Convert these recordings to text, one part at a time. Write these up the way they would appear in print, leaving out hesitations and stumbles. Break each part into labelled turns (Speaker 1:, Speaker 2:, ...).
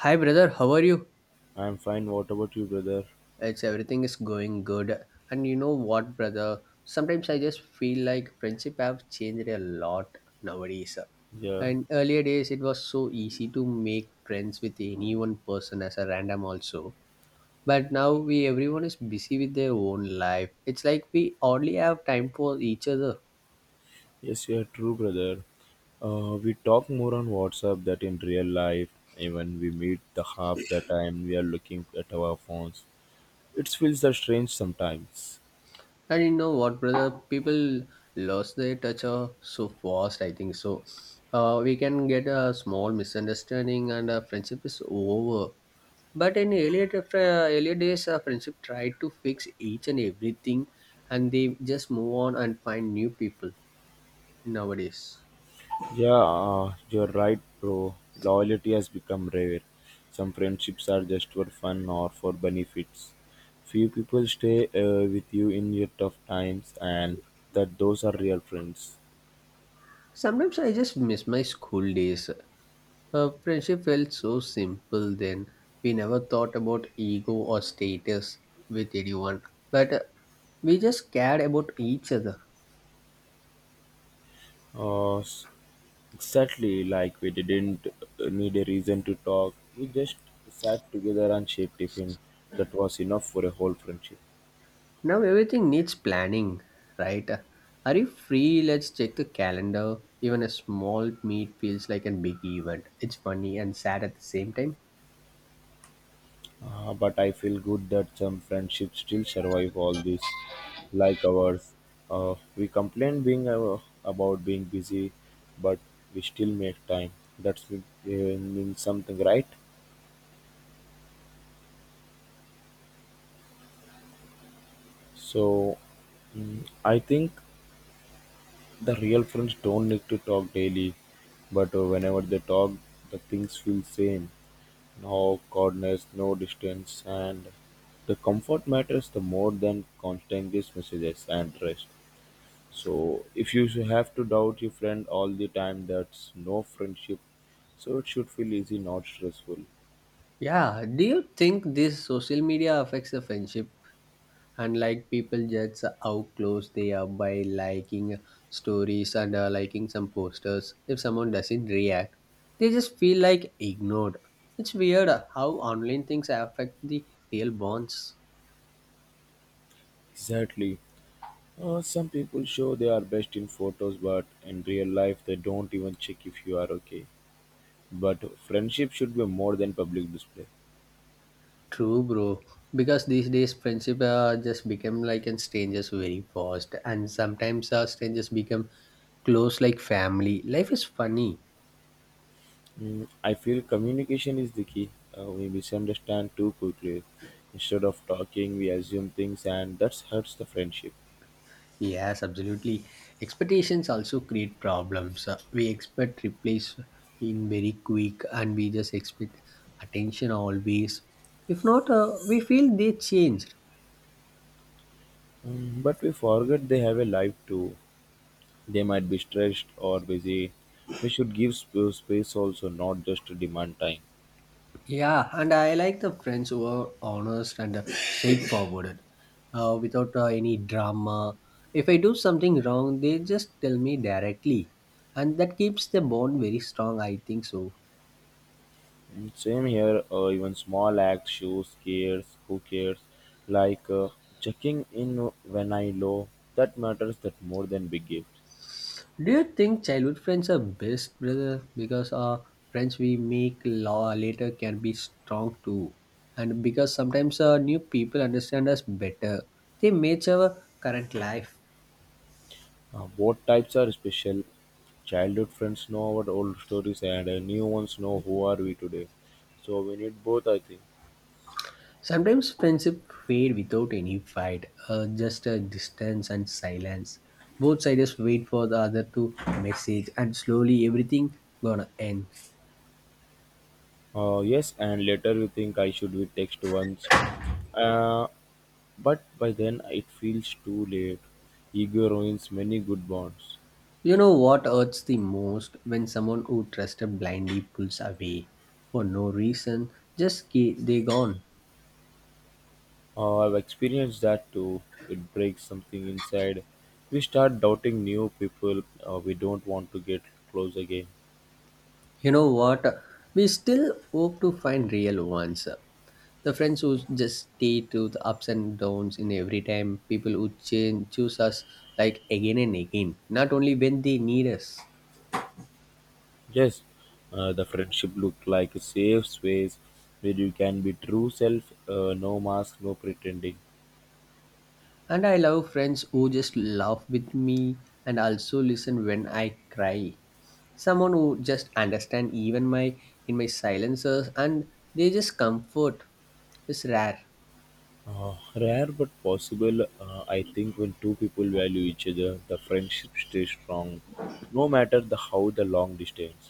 Speaker 1: Hi, brother. How are you?
Speaker 2: I'm fine. What about you, brother?
Speaker 1: It's everything is going good. And you know what, brother? Sometimes I just feel like friendship have changed a lot nowadays.
Speaker 2: Yeah.
Speaker 1: And earlier days, it was so easy to make friends with any one person as a random also. But now we everyone is busy with their own life. It's like we hardly have time for each other.
Speaker 2: Yes, you're true, brother. We talk more on WhatsApp that in real life, even we meet the half the time we are looking at our phones. It feels that strange sometimes.
Speaker 1: I didn't know what, brother? People lost their touch so fast, I think so. We can get a small misunderstanding and friendship is over. But in earlier, earlier days, friendship tried to fix each and everything, and they just move on and find new people nowadays.
Speaker 2: Yeah, you're right, bro. Loyalty has become rare. Some friendships are just for fun or for benefits. Few people stay with you in your tough times, and that those are real friends.
Speaker 1: Sometimes I just miss my school days. Friendship felt so simple then. We never thought about ego or status with anyone, but we just cared about each other.
Speaker 2: Uh, s- Exactly, like we didn't need a reason to talk. We just sat together and shared tiffin. That was enough for a whole friendship.
Speaker 1: Now everything needs planning, right? Are you free? Let's check the calendar. Even a small meet feels like a big event. It's funny and sad at the same time.
Speaker 2: But I feel good that some friendships still survive all this, like ours. We complain being about being busy, but we still make time. That's means something, right? So, I think the real friends don't need to talk daily, but whenever they talk, the things feel same. No coordinates, no distance, and the comfort matters the more than constant these messages and rest. So if you should have to doubt your friend all the time, that's no friendship. So it should feel easy, not stressful.
Speaker 1: Yeah, do you think this social media affects the friendship? And like people judge how close they are by liking stories and liking some posters. If someone doesn't react, they just feel like ignored. It's weird how online things affect the real bonds.
Speaker 2: Exactly. Some people show they are best in photos, but in real life they don't even check if you are okay. But friendship should be more than public display.
Speaker 1: True, bro. Because these days friendship just become like and strangers very fast, and sometimes strangers become close like family. Life is funny.
Speaker 2: I feel communication is the key. We misunderstand too quickly. Instead of talking, we assume things, and that hurts the friendship.
Speaker 1: Yes, absolutely. Expectations also create problems. We expect replace in very quick, and we just expect attention always. If not, we feel they changed.
Speaker 2: But we forget they have a life too. They might be stressed or busy. We should give space also, not just to demand time.
Speaker 1: Yeah, and I like the friends who are honest and straightforward, without any drama. If I do something wrong, they just tell me directly, and that keeps the bond very strong. I think so.
Speaker 2: Mm. Same here, even small acts shows cares, who cares, like checking in when I low, that matters that more than big gifts.
Speaker 1: Do you think childhood friends are best, brother? Because our friends we make law later can be strong too, and because sometimes new people understand us better, they match our current life.
Speaker 2: Both types are special. Childhood friends know our old stories, and new ones know who are we today. So we need both, I think.
Speaker 1: Sometimes friendship fade without any fight, just a distance and silence. Both sides wait for the other to message, and slowly everything gonna end.
Speaker 2: Yes, and later you think I should be text once, uh, but by then it feels too late. Ego ruins many good bonds.
Speaker 1: You know what hurts the most when someone who trusted blindly pulls away for no reason, just they gone.
Speaker 2: I've experienced that too. It breaks something inside. We start doubting new people we don't want to get close again.
Speaker 1: You know what? We still hope to find real ones. The friends who just stay to the ups and downs in every time, people who change choose us like again and again, not only when they need us.
Speaker 2: Yes, the friendship looked like a safe space where you can be true self, no mask, no pretending.
Speaker 1: And I love friends who just laugh with me and also listen when I cry. Someone who just understand even my in my silences and they just comfort is rare.
Speaker 2: Rare but possible, I think when two people value each other, the friendship stays strong, no matter the how the long distance.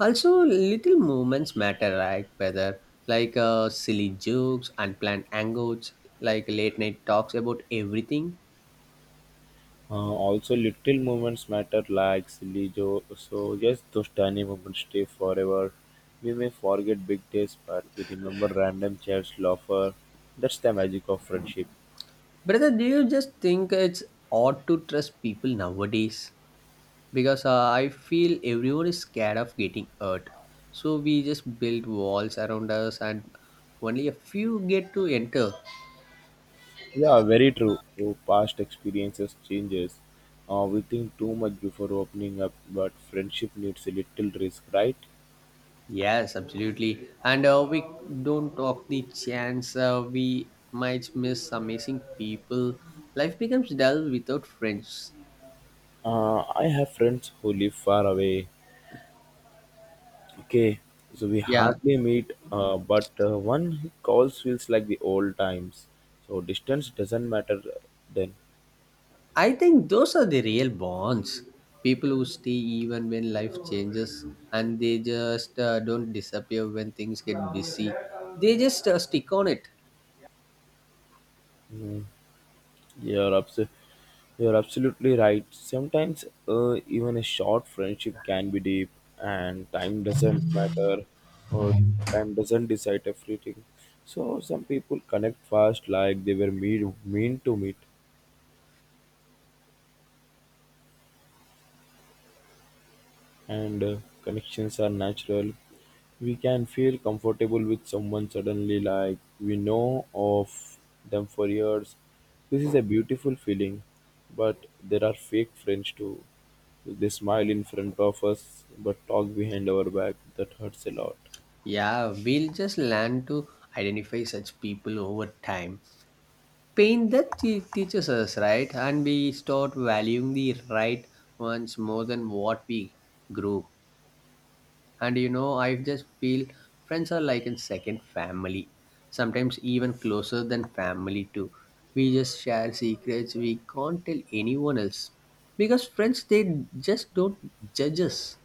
Speaker 1: Also, little moments matter, right? Whether like silly jokes, unplanned angles, like late night talks about everything.
Speaker 2: Also, little moments matter, like silly jo- So yes, those tiny moments stay forever. We may forget big days, but we remember random chats, laughter. That's the magic of friendship.
Speaker 1: Brother, do you just think it's odd to trust people nowadays? Because I feel everyone is scared of getting hurt. So we just build walls around us, and only a few get to enter.
Speaker 2: Yeah, very true. Your past experiences changes. We think too much before opening up, but friendship needs a little risk, right?
Speaker 1: Yes, absolutely. And we don't talk the chance we might miss amazing people. Life becomes dull without friends.
Speaker 2: I have friends who live far away. Okay, so we
Speaker 1: Yeah,
Speaker 2: hardly meet, but one calls feels like the old times. So distance doesn't matter then.
Speaker 1: I think those are the real bonds. People who stay even when life changes, and they just don't disappear when things get busy. They just stick on it.
Speaker 2: Mm. You're, abso- you're absolutely right. Sometimes even a short friendship can be deep, and time doesn't matter, or time doesn't decide everything. So some people connect fast, like they were mean to meet, and connections are natural. We can feel comfortable with someone suddenly, like we know of them for years. This is a beautiful feeling, but there are fake friends too. They smile in front of us but talk behind our back. That hurts a lot.
Speaker 1: Yeah, we'll just learn to identify such people over time. Pain that teaches us, right? And we start valuing the right ones more than what we grew. And you know, I just feel friends are like a second family, sometimes even closer than family, too. We just share secrets we can't tell anyone else because friends they just don't judge us.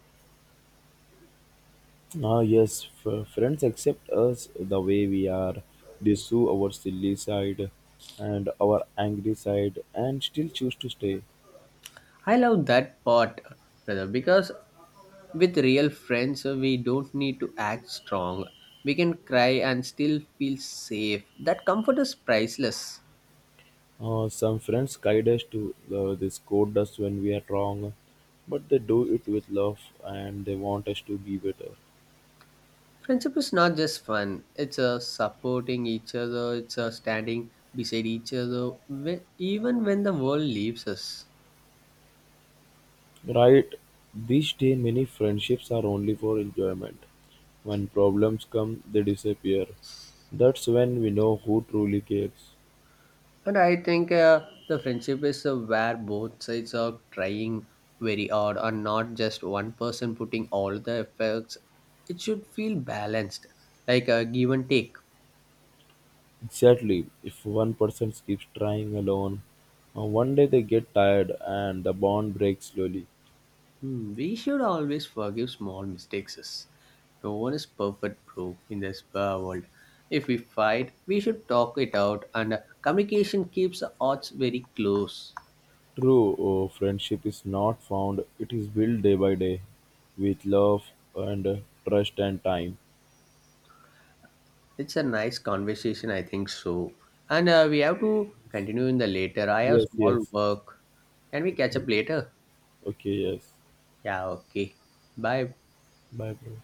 Speaker 2: Yes, friends accept us the way we are. They saw our silly side and our angry side and still choose to stay.
Speaker 1: I love that part, brother, because with real friends, we don't need to act strong. We can cry and still feel safe. That comfort is priceless.
Speaker 2: Some friends guide us to they scold us when we are wrong, but they do it with love and they want us to be better.
Speaker 1: Friendship is not just fun, it's a supporting each other, it's a standing beside each other, even when the world leaves us.
Speaker 2: Right? These days, many friendships are only for enjoyment. When problems come, they disappear. That's when we know who truly cares.
Speaker 1: And I think the friendship is where both sides are trying very hard and not just one person putting all the efforts. It should feel balanced, like a give and take.
Speaker 2: Exactly. If one person keeps trying alone, one day they get tired and the bond breaks slowly.
Speaker 1: Hmm, we should always forgive small mistakes. No one is perfect, bro, in this world. If we fight, we should talk it out, and communication keeps the odds very close.
Speaker 2: True friendship is not found, it is built day by day with love and trust and time.
Speaker 1: It's a nice conversation, I think so. And we have to continue in the later. I have
Speaker 2: Yes,
Speaker 1: small
Speaker 2: yes.
Speaker 1: work. Can we catch
Speaker 2: Okay,
Speaker 1: up later?
Speaker 2: okay, yes.
Speaker 1: Yeah, okay. Bye.
Speaker 2: Bye, bro.